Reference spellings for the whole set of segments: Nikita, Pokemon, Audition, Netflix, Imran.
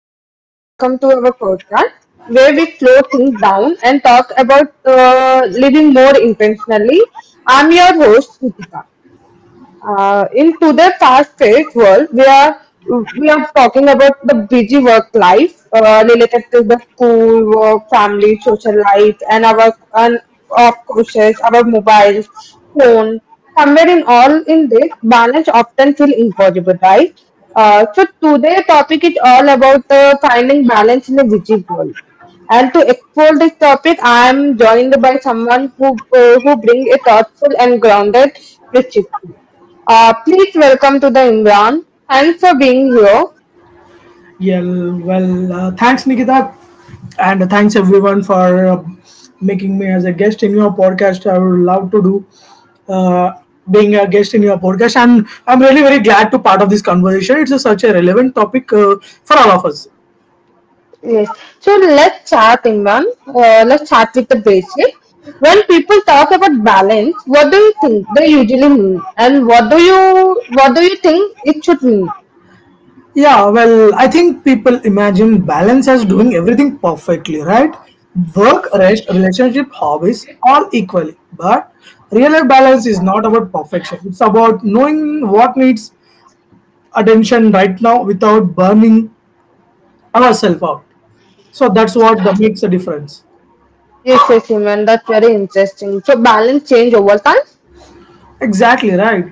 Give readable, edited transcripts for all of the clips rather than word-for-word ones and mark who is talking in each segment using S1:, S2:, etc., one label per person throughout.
S1: everyone, and welcome to our podcast where we slow things down and talk about living more intentionally. I'm your host, Nikita. In today's fast-paced world, we are talking about the busy work life related to the school, work, family, social life, and of course our mobiles, phone. Somewhere in all in this, balance often feel impossible, right? So today topic is all about finding balance in a busy world. And to explore this topic, I am joined by someone who brings a thoughtful and grounded perspective. Please welcome to the Imran. Thanks for being here.
S2: Yeah, well, thanks, Nikita, and thanks everyone for making me as a guest in your podcast. I would love to do uh, being a guest in your podcast, and I'm really very glad to part of this conversation. Such a relevant topic for all of us.
S1: Yes. So let's chat, Imran. Let's chat with the basic. When people talk about balance, what do you think they usually mean, and what do you think it should mean?
S2: Yeah, well, I think people imagine balance as doing everything perfectly, right? Work, rest, relationship, hobbies, all equally. But real life balance is not about perfection. It's about knowing what needs attention right now without burning ourselves out. So that's what that makes a difference.
S1: Yes, yes, Imran. That's very interesting. So balance change over time.
S2: Exactly right.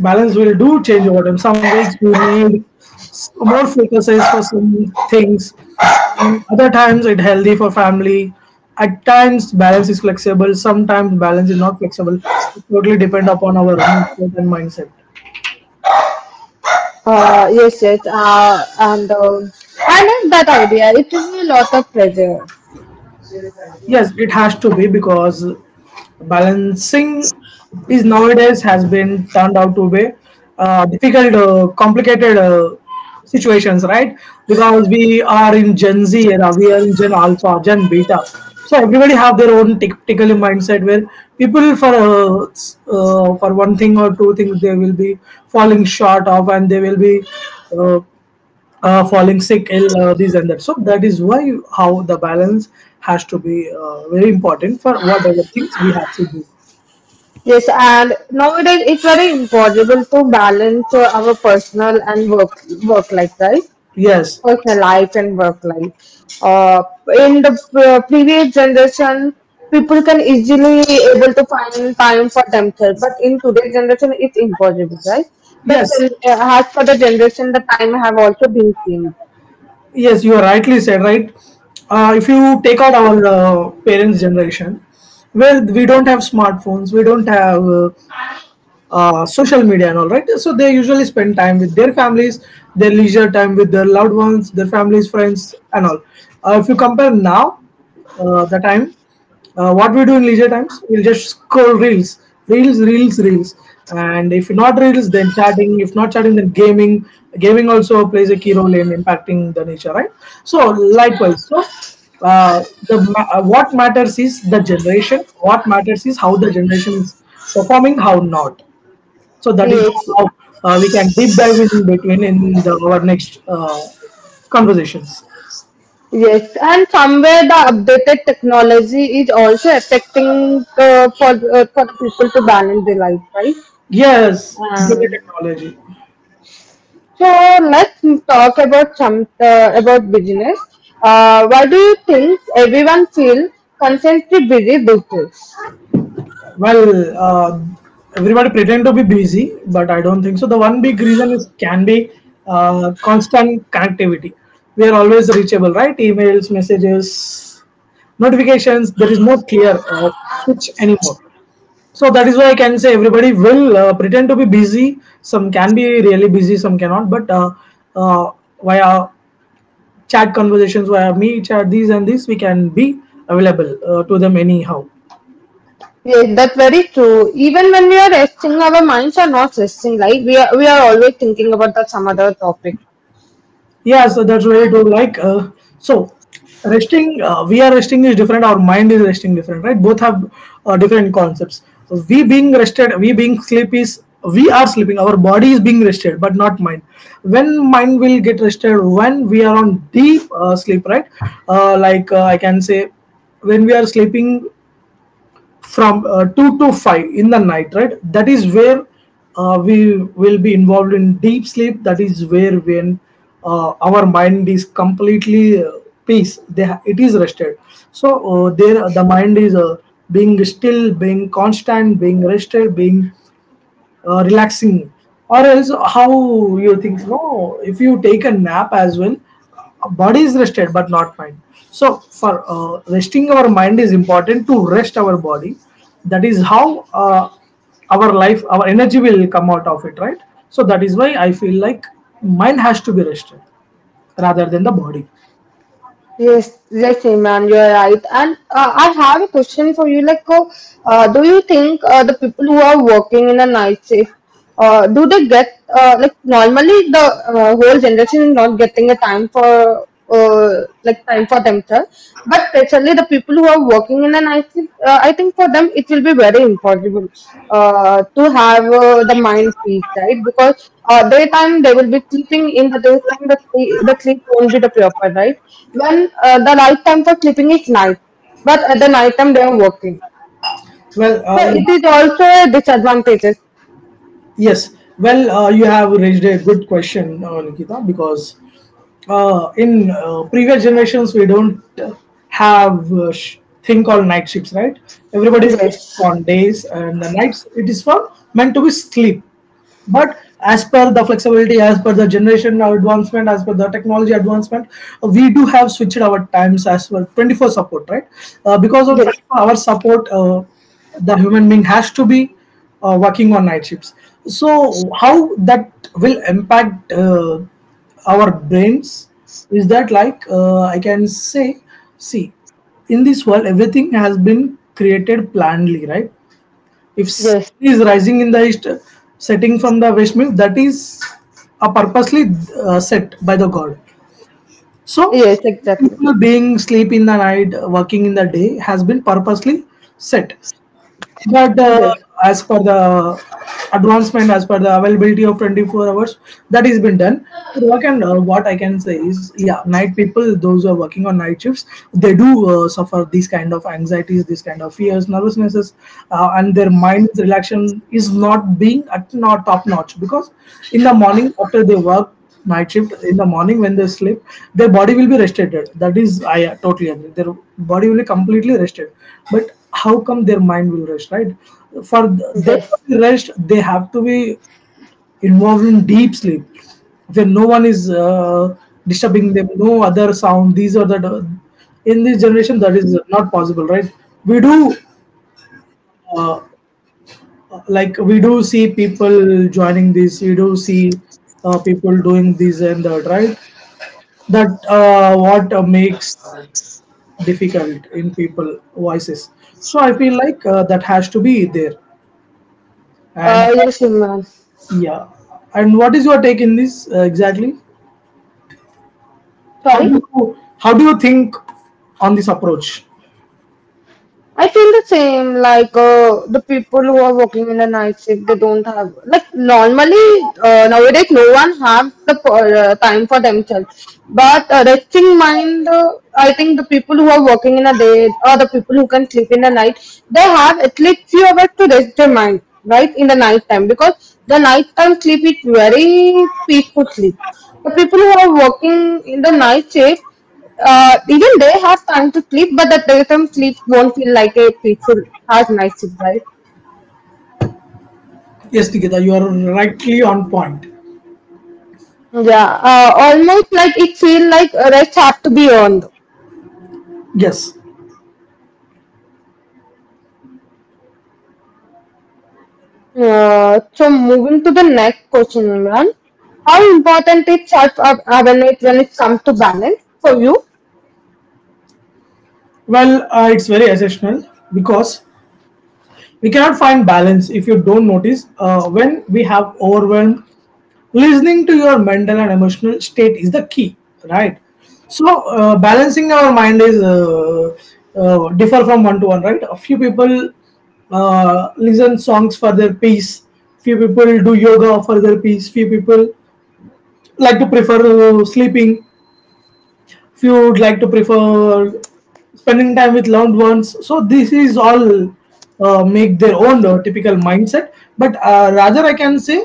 S2: Balance will do change over time. Some weeks we need more focuses for some things, and other times it healthy for family. At times balance is flexible. Sometimes balance is not flexible. It totally depend upon our mood state and mindset.
S1: Yes, yes. And I like that idea. It gives me lots of pleasure.
S2: Yes, it has to be because balancing is nowadays has been turned out to be difficult, complicated situations, right? Because we are in Gen Z era, we are in Gen Alpha, Gen Beta. So everybody have their own tactical mindset where people for for one thing or two things they will be falling short of and they will be uh, falling sick, ill, this and that. So that is why how the balance has to be very important for whatever things we have to do.
S1: Yes, and nowadays it's very impossible to balance our personal and work life, right?
S2: Yes,
S1: Personal life and work life. Uh, in the previous generation, people can easily able to find time for themselves, but in today's generation, it's impossible, right? But
S2: yes,
S1: as for the generation, the time have also been changed.
S2: yes. You are rightly said. Right. If you take out our parents' generation, where we don't have smartphones, we don't have social media and all, right? So they usually spend time with their families, their leisure time with their loved ones, their families, friends and all. If you compare now, the time, what we do in leisure times, we'll just scroll reels, reels, reels, reels, and if not reels then chatting, if not chatting then gaming. Gaming also plays a key role in impacting the nature, right? So likewise, so uh, what matters is the generation, what matters is how the generation is performing, how not. So that is
S1: Yes,
S2: how we can deep dive in between in our next conversations.
S1: yes, and somewhere the updated technology is also affecting for for people to balance their life, right?
S2: Yes,
S1: Yes.
S2: computer
S1: Um,
S2: technology.
S1: so let's talk about some about business. Why do you think everyone feel constantly busy these days?
S2: Well, everybody pretend to be busy, but I don't think so. The one big reason is can be constant connectivity. We are always reachable, right? Emails, messages, notifications. There is no clear switch anymore. So that is why I can say everybody will pretend to be busy. Some can be really busy, some cannot. But uh, via chat conversations, via me chat, these and these, we can be available to them anyhow.
S1: Yes, that's very true. Even when we are resting, our minds are not resting. Like we are always thinking about the, some other topic.
S2: Yeah, so that's very true. Like, so resting, we are resting is different. Our mind is resting different, right? Both have different concepts. We being rested, we being sleep is we are sleeping. Our body is being rested, but not mind. When mind will get rested, when we are on deep sleep, right? Like, I can say, when we are sleeping from 2 to 5 in the night, right? That is where we will be involved in deep sleep. That is where when our mind is completely peace, it is rested. So there the mind is being still, being constant, being rested, being relaxing. Or else how you think? No, if you take a nap as well, body is rested but not mind. So for resting our mind is important to rest our body. That is how our life, our energy will come out of it, right? So that is why I feel like mind has to be rested rather than the body.
S1: Yes, yes, Imran, you're right. And I have a question for you. Like, do you think the people who are working in a night shift, do they get like normally the whole generation is not getting a time for like time for themselves, but especially the people who are working in a night shift, I think for them it will be very impossible to have the mind peace, right? Because daytime they will be sleeping in the daytime, the sleep won't be the proper, right? When the right time for sleeping is night, but at the night time they are working.
S2: Well
S1: So
S2: you
S1: it is also a disadvantages.
S2: Yes, well, you have raised a good question, Nikita, because in previous generations we don't have thing called night shifts, right? Everybody will work
S1: Yes,
S2: on days, and the nights, it is for meant to be sleep. But as per the flexibility, as per the generation advancement, as per the technology advancement, we do have switched our times as well, 24 support, right? Because of
S1: yes,
S2: 24-hour support, the human being has to be working on night shifts. So how that will impact our brains is that, like, I can say, see, in this world everything has been created planly, right? If sun
S1: yes,
S2: is rising in the east, setting from the west, means that is a purposely set by the god. So
S1: yes, exactly.
S2: people being sleep in the night, working in the day has been purposely set. But
S1: Yes,
S2: as per the advancement, as per the availability of 24 hours, that has been done. But what can what I can say is, yeah, night people, those who are working on night shifts, they do suffer these kind of anxieties, these kind of fears, nervousnesses, and their mind's relaxation is not being at, not top notch. Because in the morning after they work night shift, in the morning when they sleep, their body will be rested. That is, I totally agree, their body will be completely rested. But how come their mind will rest, right? For them to
S1: yes.
S2: be rest, they have to be involved in deep sleep, when no one is disturbing them, no other sound. These are the, in this generation that is not possible, right? We do uh, like, we do see people joining this, we do see people doing this and that, right? That what makes difficult in people voices. So I feel like that has to be there. And
S1: Yes, Imran.
S2: yeah, and what is your take in this exactly?
S1: Sorry.
S2: How do you think on this approach?
S1: I feel the same, like the people who are working in the night shift, they don't have, like normally nowadays no one have the time for themselves. But resting mind, I think the people who are working in a day or the people who can sleep in the night, they have at least few hours to rest their mind, right, in the night time because the night time sleep is very peaceful sleep. The people who are working in the night shift, even they have time to sleep, but that their time sleep won't feel like a peaceful has nice sleep, right?
S2: Yes, Nikita, you are rightly on point.
S1: Yeah, almost like it feel like rest have to be earned.
S2: Yes,
S1: So moving to the next question, Imran, how important is self awareness when it comes to balance for you?
S2: well, it's very essential, because we cannot find balance if you don't notice when we have overwhelmed. Listening to your mental and emotional state is the key, right? So balancing our mind is differ from one to one, right? A few people listen songs for their peace, few people do yoga for their peace, few people like to prefer sleeping. If you would like to prefer spending time with loved ones, so this is all make their own typical mindset. But rather I can say,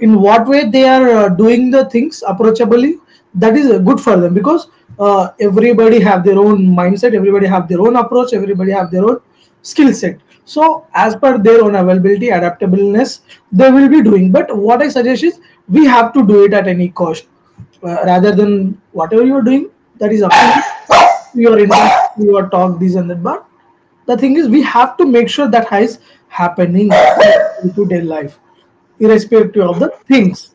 S2: in what way they are doing the things approachably, that is good for them. Because everybody have their own mindset, everybody have their own approach, everybody have their own skill set. So as per their own availability, adaptableness, they will be doing. But what I suggest is we have to do it at any cost. Rather than whatever you are doing, that is up to you, your internet, your talk, this and that. But the thing is, we have to make sure that is happening in day to day life, irrespective of the things.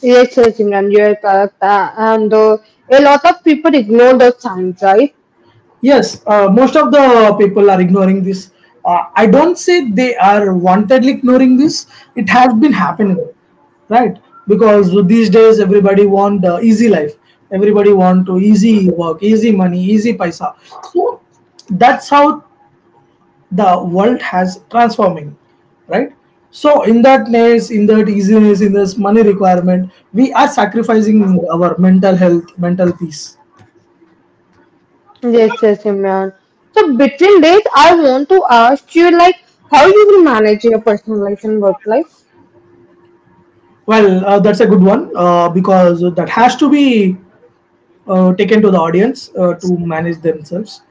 S1: Yes, yes, Imran, you're correct. And a lot of people ignore the signs, right?
S2: Yes, most of the people are ignoring this. I don't say they are wantedly ignoring this. It has been happening, right? Because these days everybody want easy life. Everybody want to easy work, easy money, easy paisa. So that's how the world has transforming, right? So in that ness, in that easiness, in this money requirement, we are sacrificing our mental health, mental peace.
S1: Yes, yes, Imran. So between this, I want to ask you like how you will manage your personal life and work life.
S2: Well, that's a good one, because that has to be taken to the audience to manage themselves.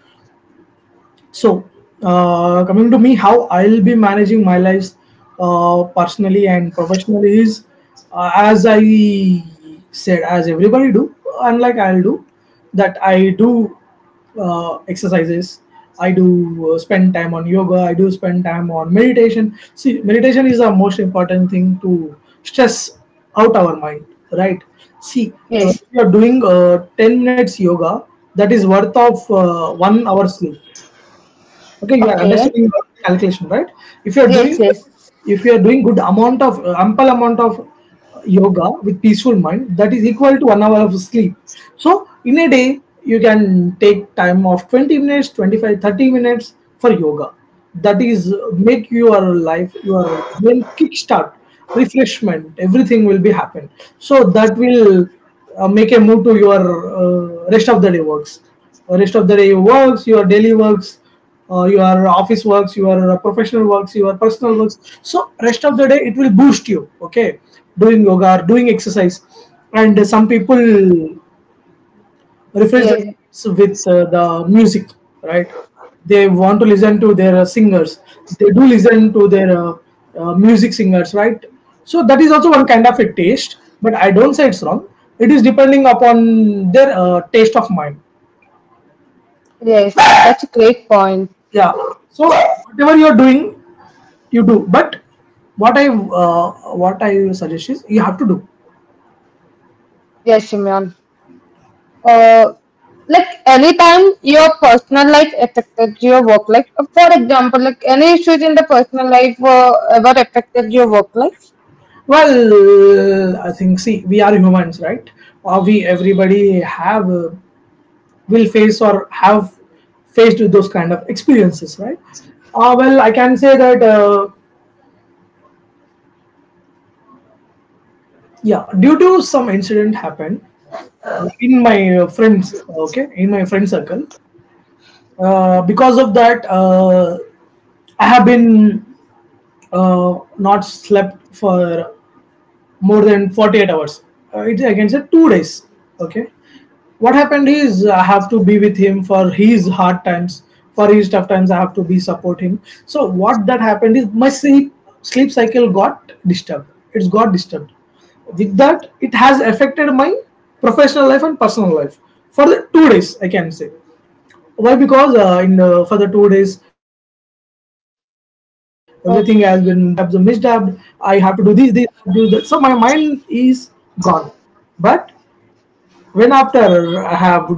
S2: So, coming to me, how I'll be managing my lives personally and professionally is, as I said, as everybody do, unlike I'll do, that I do exercises. I do spend time on yoga. I do spend time on meditation. See, meditation is the most important thing to stress out our mind, right? See,
S1: Yes.
S2: if you are doing 10 minutes yoga, that is worth of 1 hour sleep. Okay, you are
S1: Okay.
S2: understanding your calculation, right? If you are
S1: Yes,
S2: doing,
S1: yes.
S2: if you are doing good amount of ample amount of yoga with peaceful mind, that is equal to 1 hour of sleep. So in a day, you can take time of 20 minutes, 25, 30 minutes for yoga. That is make your life, your brain kickstart, refreshment, everything will be happen. So that will make a move to your uh, rest of the day works rest of the day works, your daily works, your office works, your professional works, your personal works. So rest of the day it will boost you, okay, doing yoga or doing exercise. And some people refresh their
S1: Yes,
S2: minds with the music, right? They want to listen to their singers. They do listen to their music singers, right? So that is also one kind of a taste, but I don't say it's wrong. It is depending upon their taste of mind.
S1: yes. That's a great point.
S2: Yeah. So whatever you are doing, you do, but what I suggest is you have to do.
S1: Yes, Imran. Uh, like anytime your personal life affected your work life. For example, like any issues in the personal life were ever affected your work life.
S2: Well, I think, see, we are humans, right? Or we everybody have will face or have faced with those kind of experiences, right? Well, I can say that yeah, due to some incident happened in my friends, okay, in my friend circle. Because of that, I have been not slept for more than 48 hours. I can say 2 days. Okay. What happened is I have to be with him for his hard times, for his tough times. I have to be support him. So what that happened is my sleep cycle got disturbed. It's got disturbed. With that, it has affected my professional life and personal life for the 2 days. I can say why, because in for the 2 days everything has been, I have some
S1: Okay.
S2: misdubbed. I have to do these, do that. So my mind is gone. But when, after I have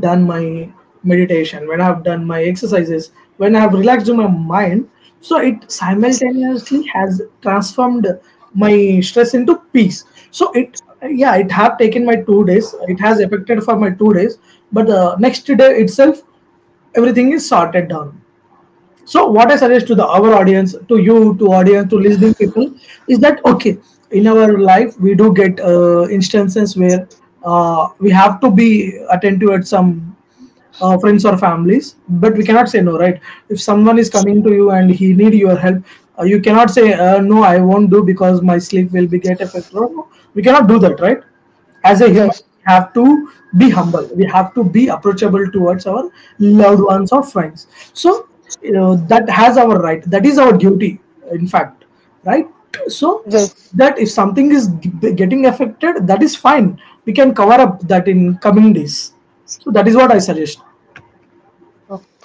S2: done my meditation, when I have done my exercises, when I have relaxed my mind, so it simultaneously has transformed my stress into peace. So it, yeah, it have taken my 2 days. It has affected for my 2 days, but the next day itself, everything is sorted down. So what I suggest to the our audience, to you, to audience, to listening people is that, okay, in our life we do get instances where we have to be attentive at some friends or families, but we cannot say no, right? If someone is coming to you and he need your help, you cannot say no, I won't do because my sleep will be get affected. No, no, we cannot do that, right? As a human,
S1: Yes,
S2: we have to be humble, we have to be approachable towards our loved ones or friends. So, you know that has our right, that is our duty, in fact, right? So
S1: yes.
S2: that if something is getting affected, that is fine. We can cover up that in coming days. So that is what I suggest.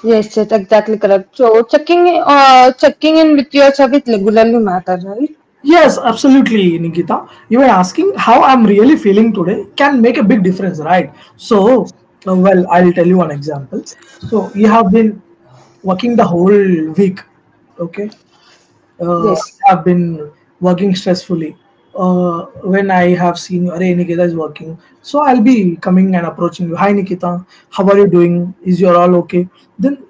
S1: Yes, yes, exactly correct. So checking checking in with your service regularly matter, right?
S2: Yes, absolutely, Nikita. You were asking how I'm really feeling today can make a big difference, right? So, well, I'll tell you one example. So, you have been working the whole week, okay? uh,
S1: Yes.
S2: have been working stressfully. When I have seen you, hey Nikita is working, so I'll be coming and approaching you. Hi Nikita, how are you doing? Is you all okay? Then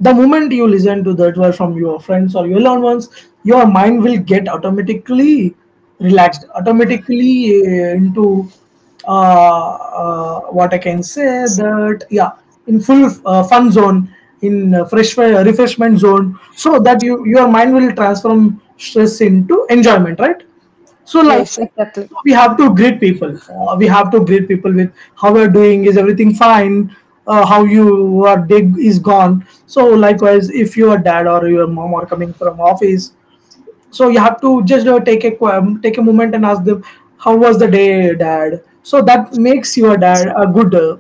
S2: the moment you listen to that word from your friends or your loved ones, your mind will get automatically relaxed, automatically into uh, what I can say that, yeah, in full fun zone, in fresh refreshment zone, so that you, your mind will transform stress into enjoyment, right? So like,
S1: Yes, exactly.
S2: so we have to greet people. We have to greet people with how we are doing. Is everything fine? How you are Day is gone. So likewise, if your dad or your mom are coming from office, so you have to just take a moment and ask them how was the day, dad. So that makes your dad a good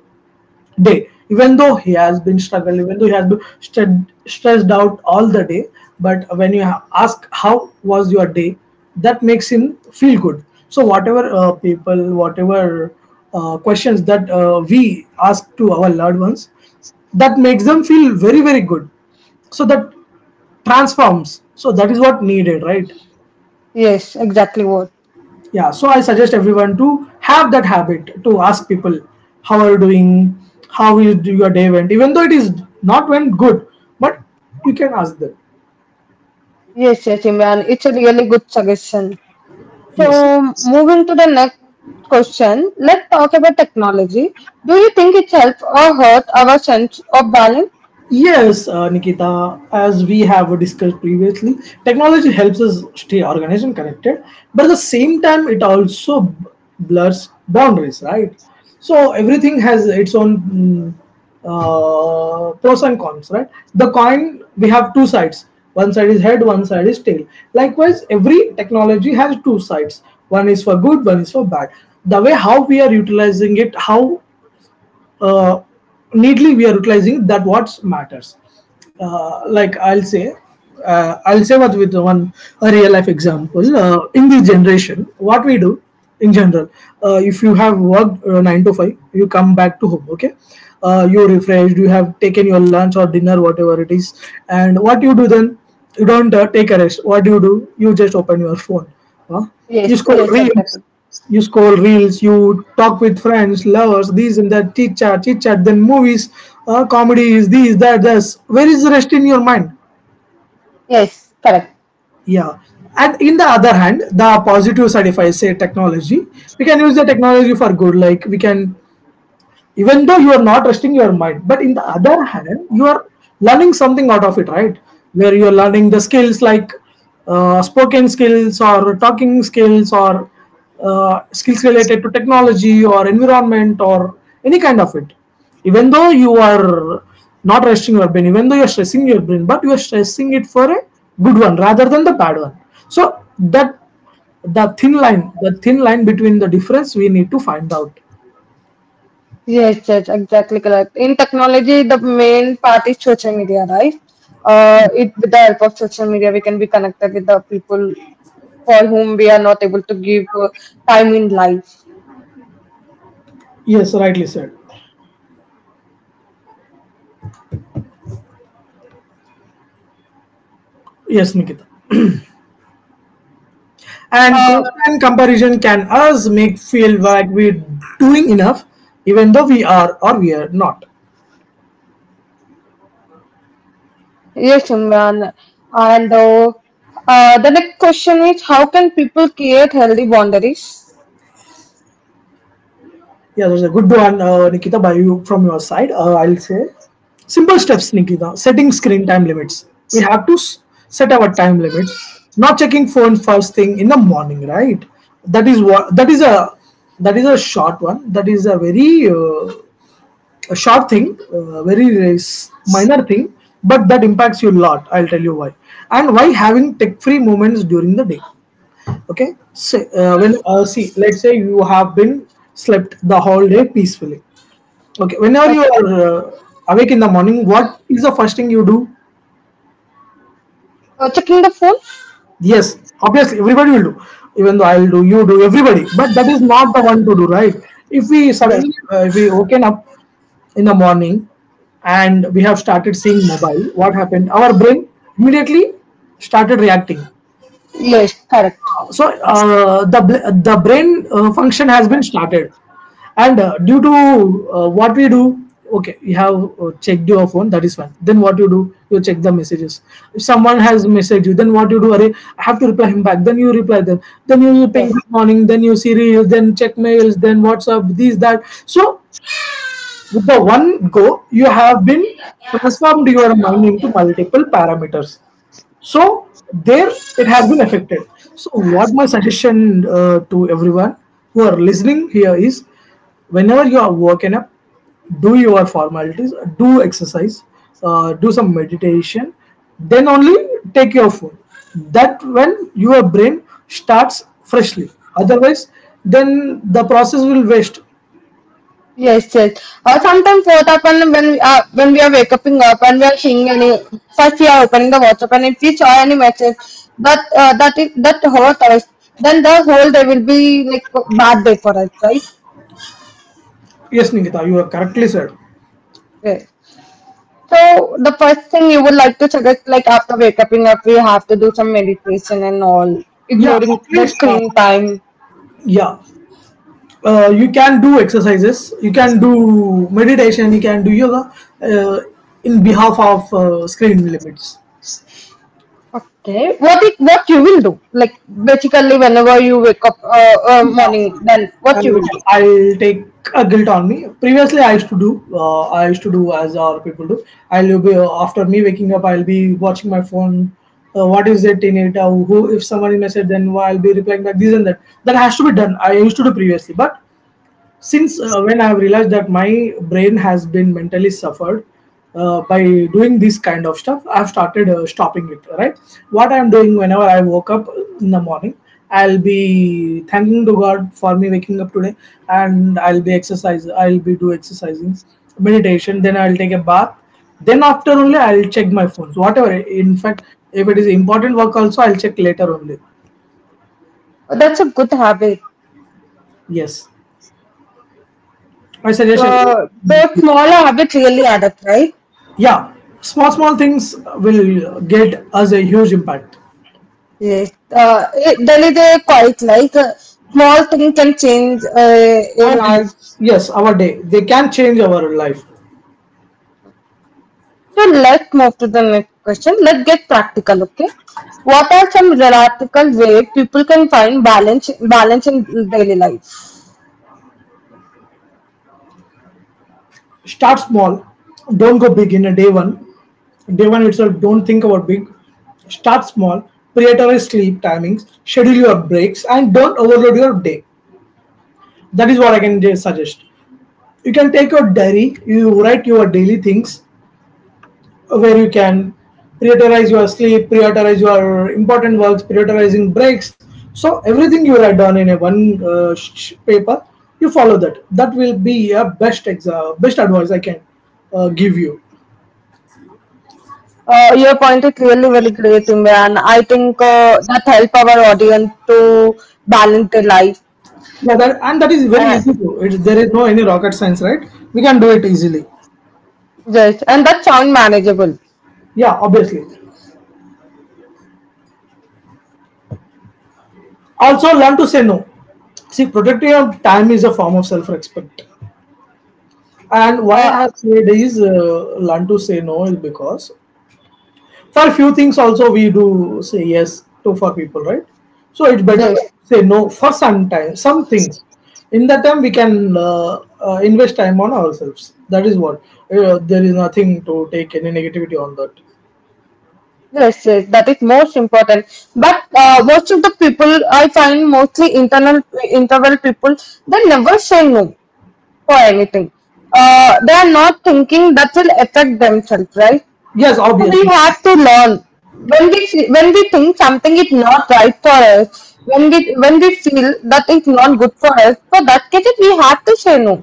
S2: day, even though he has been struggling, even though he has been stressed out all the day. But when you ask how was your day, that makes him feel good. So whatever people whatever questions that we ask to our loved ones, that makes them feel very very good. So that transforms, so that is what needed, right?
S1: Yes, exactly what.
S2: Yeah, so I suggest everyone to have that habit to ask people how are you doing, how you do your day went, even though it is not went good, but you can ask them.
S1: Yes, yes, Imran. It's a really good suggestion.
S2: Yes.
S1: So moving to the next question, let's talk about technology. Do you think it helps or hurt our sense of balance?
S2: Yes, Nikita, as we have discussed previously, technology helps us stay organized and connected, but at the same time, it also blurs boundaries, right? So, everything has its own pros and cons, right? The coin, we have two sides, one side is head, one side is tail. Likewise, every technology has two sides, one is for good, one is for bad. The way how we are utilizing it, how uh, neatly we are utilizing that, what matters. Like I'll say what, with one a real life example, in this generation what we do in general. If you have worked 9 to 5, you come back to home, okay? You refreshed, you have taken your lunch or dinner, whatever it is, and what you do then? You don't take a rest. What do you do? You just open your phone. Huh? You
S1: Yes,
S2: scroll
S1: yes,
S2: reels.
S1: exactly.
S2: You scroll reels, you talk with friends, lovers, these and that, chit chat, then movies, comedies, these, that, this. Where is the rest in your mind?
S1: Yes, correct.
S2: Yeah. And in the other hand, the positive side, if I say technology, we can use the technology for good. Like we can, even though you are not resting your mind, but in the other hand you are learning something out of it, right? Where you are learning the skills, like spoken skills or talking skills or skills related to technology or environment or any kind of it. Even though you are not resting your brain, even though you're stressing your brain, but you are stressing it for a good one rather than the bad one. So that, the thin line, between the difference, we need to find out.
S1: Yes, yes, exactly correct. In technology, the main part is social media, right? It with the help of social media, we can be connected with the people for whom we are not able to give time in life.
S2: Yes, rightly said. Yes, Nikita. And
S1: Uh,
S2: constant comparison can us make feel like we're doing enough, even though we are or we are not.
S1: yes, Imran. And the next question is, how can people create healthy boundaries?
S2: Yeah, that's a good one, Nikita. By you from your side, I'll say simple steps, Nikita. Setting screen time limits. We have to set our time limits. Not checking phone first thing in the morning, right? That is what. That is a short one. That is a very a short thing, very minor thing, but that impacts you a lot. I'll tell you why. And why having tech free moments during the day. Okay. So, see, let's say you have been slept the whole day peacefully. Okay. Whenever
S1: Uh,
S2: you are awake in the morning, what is the first thing you do?
S1: checking the phone?
S2: Yes. Obviously, everybody will do. Even though I'll do, you do, everybody. But that is not the one to do, right? If we
S1: Yes,
S2: suddenly, if we woken up in the morning and we have started seeing mobile, what happened, our brain immediately started reacting.
S1: yes, correct.
S2: So the brain function has been started. And due to what we do, okay, you have checked your phone, that is fine. Then what you do? You check the messages. If someone has messaged you, then what you do? Array, I have to reply him back. Then you reply them. Then you ping
S1: Yes.
S2: good morning, then you see reels, then check mails, then whatsapp, these that. So with the one go, you have been transformed your mind into multiple parameters. So there it has been affected. So what my suggestion to everyone who are listening here is, whenever you are working up, do your formalities, do exercise, do some meditation, then only take your phone. That when your brain starts freshly. Otherwise, then the process will waste.
S1: Yes, yes. Or sometimes what happen when we are waking up and we are seeing any first we are opening the WhatsApp and if we saw any message that that is that hurt us, then the whole day will be like bad day for us, right?
S2: Yes, Nikita, you have correctly said.
S1: Yeah. So the first thing you would like to suggest, like after waking up, we have to do some meditation and all,
S2: Yeah,
S1: ignoring
S2: at
S1: the
S2: least,
S1: screen time.
S2: yeah. You can do exercises, you can do meditation, you can do yoga uh, in behalf of screen limits.
S1: Okay, what it, what you will do? Like basically, whenever you wake up
S2: See,
S1: morning, then what you
S2: I'll,
S1: will do?
S2: I'll take a guilt on me. Previously, I used to do, I used to do as our people do. I'll be after me waking up, I'll be watching my phone. What is it in it? Who? If somebody message, then why I'll be replying back. This and that. That has to be done. I used to do previously, but since when I have realized that my brain has been mentally suffered by doing this kind of stuff, I've started stopping it. Right? What I'm doing whenever I woke up in the morning, I'll be thanking to God for me waking up today. And I'll be exercise, I'll be do exercising, meditation, then I'll take a bath. Then after only I'll check my phone, whatever. In fact, if it is important work also, I'll check later only.
S1: That's a good habit.
S2: Yes, I suggest everyone.
S1: The small habits really add up, right?
S2: Yeah, small small things will get us a huge impact.
S1: Yes. It, really they're quite like a small thing can change a
S2: Our day,
S1: large.
S2: yes, our day, they can change our life.
S1: So let's move to the next question. Let's get practical, okay? What are some practical way people can find balance in daily life?
S2: Start small. Don't go big in a day one. Day one itself don't think about big. Start small. Prioritize sleep timings, schedule your breaks and don't overload your day. That is what I can just suggest. You can take your diary, you write your daily things where you can prioritize your sleep, prioritize your important works, prioritizing breaks. So everything you write down in a one paper, you follow that. That will be a best best advice I can give you.
S1: Your point is really very great, Imran. I think that help our audience to balance their life.
S2: Yeah, that and that is very
S1: Uh,
S2: easy to. It, there is no any rocket science, right? We can do it easily.
S1: yes, and that sound manageable.
S2: Yeah, obviously. Also, learn to say no. See, protecting your time is a form of self-respect. And why I
S1: Uh,
S2: have said is learn to say no is because for few things also we do say yes to for people, right? So it's better to
S1: yes.
S2: say no for some time, some things. In that time we can invest time on ourselves. That is what, there is nothing to take any negativity on that.
S1: Yes, yes, that is most important. But most of the people I find mostly internal interval people, they never say no for anything. They are not thinking that will affect themselves, right?
S2: Yes,
S1: So we
S2: obviously.
S1: have to learn when when we think something is not right for us, when we feel that it's not good for us, for that case we have to say no.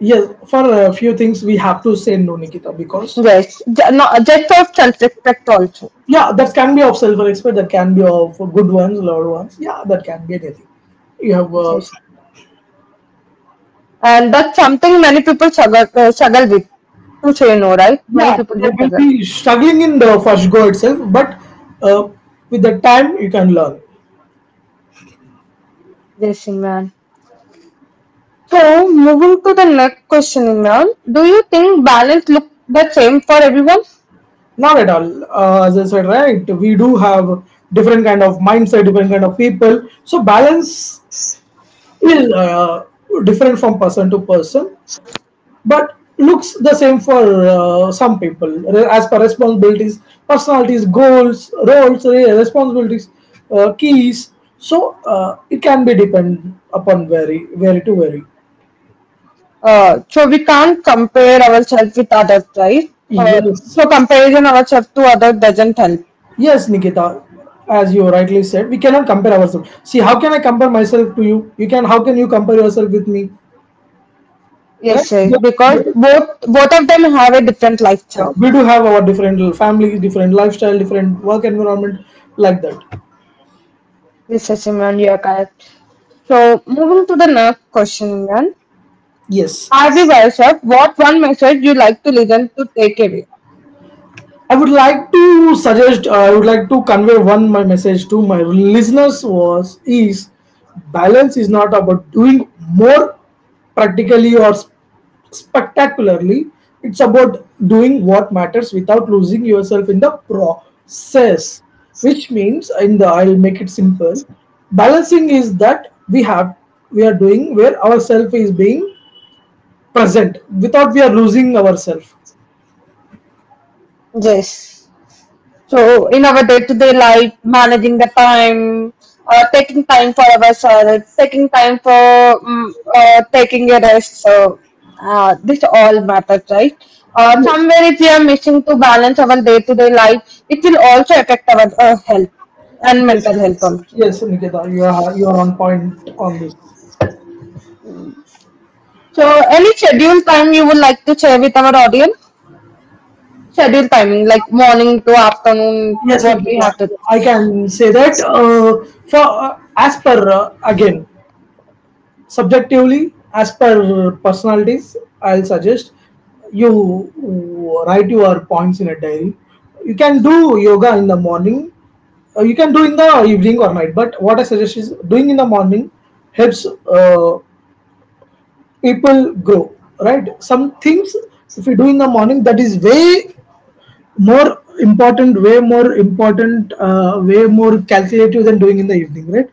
S2: Yes, for a few things we have to say no, Nikita, because
S1: Yes, ju- no, just for self respect also.
S2: yeah, that can be of self-respect, that can be of good ones, loved ones. Yeah, that can be anything you have.
S1: Yes. And that's something many people struggle, struggle with. To say no, right? Many
S2: Yeah,
S1: people
S2: they
S1: will
S2: will
S1: struggle.
S2: be struggling in the first go itself, but uh, with the time you can learn.
S1: Yes, Imran. So, moving to the next question, Imran. Do you think balance look the same for everyone?
S2: Not at all. As I said, right, we do have different kind of mindset, different kind of people. So balance is different from person to person, but looks the same for some people. As per responsibilities, personalities, goals, roles, responsibilities, keys. So it can be depend upon vary vary to vary.
S1: So, we can't compare ourselves with others, right? Uh,
S2: Yes.
S1: so, comparison ourselves to others doesn't help.
S2: Yes, Nikita, as you rightly said, we cannot compare ourselves. See, how can I compare myself to you? You can. How can you compare yourself with me? Right?
S1: Yes, yes,
S2: But-
S1: because both of them have a different
S2: Yeah,
S1: lifestyle.
S2: we do have our different family, different lifestyle, different work environment, like that.
S1: Yes, yes, Imran, you are correct. So, moving to the next question, Imran.
S2: Yes.
S1: Harvey yourself, what one message you like to listen to take away?
S2: I would like to suggest. I would like to convey one my message to my listeners was is balance is not about doing more practically or spectacularly. It's about doing what matters without losing yourself in the process. Which means, in the I'll make it simple. Balancing is that we have we are doing where ourself is being present without we are losing ourselves.
S1: Yes. So, in our day to day life, managing the time, taking time for ourselves, taking time for taking a rest. So, this all matters, right?
S2: Yes.
S1: Somewhere, if we are missing to balance our day to day life, it will also affect our health and
S2: Yes.
S1: mental health also.
S2: Yes, Nikita, you are on point on this.
S1: So, any schedule time you would like to share with our audience? Schedule timing, like morning to afternoon,
S2: Yes,
S1: what we
S2: Nikita,
S1: have to.
S2: I can say that for as per again subjectively as per personalities, I'll suggest you write your points in a diary. You can do yoga in the morning. You can do in the evening or night. But what I suggest is doing in the morning helps people grow. Right? Some things if you do in the morning, that is way more important, way more important, way more calculative than doing in the evening, right?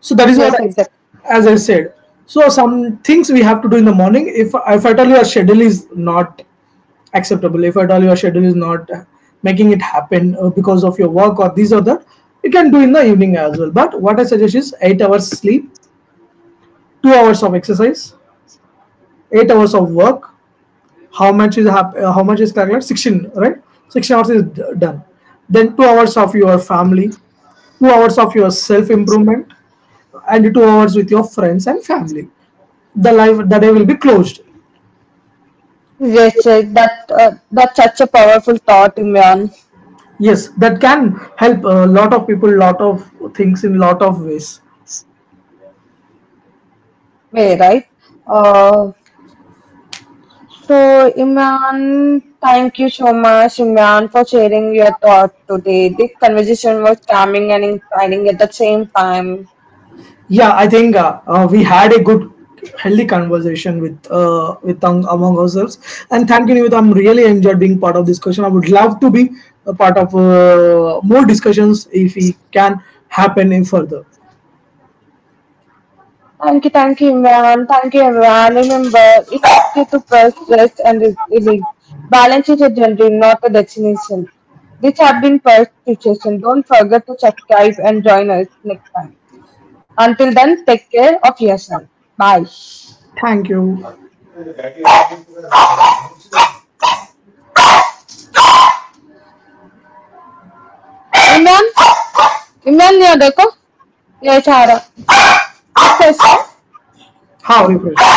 S2: So that is what,
S1: Yes, exactly.
S2: I, as I said. So some things we have to do in the morning. If at all your schedule is not acceptable, if at all your schedule is not making it happen because of your work or this or that, you can do in the evening as well. But what I suggest is 8 hours sleep, 2 hours of exercise, 8 hours of work. How much is, how much is calculated? 16, right? 16 hours is done. Then 2 hours of your family, 2 hours of your self improvement and 2 hours with your friends and family. The life, the day will be closed.
S1: Yes, yes, that that's such a powerful thought, Imran.
S2: Yes, that can help a lot of people, lot of things in lot of ways.
S1: Way, right? Uh, so, Imran, thank you so much, Imran, for sharing your thought today. This conversation was calming and inspiring at the same time.
S2: Yeah, I think we had a good, healthy conversation with with among ourselves. And thank you, Nivita. I'm really enjoyed being part of this discussion. I would love to be a part of more discussions if we can happen in further.
S1: Thank you, Imran.
S2: Thank you. How refresh.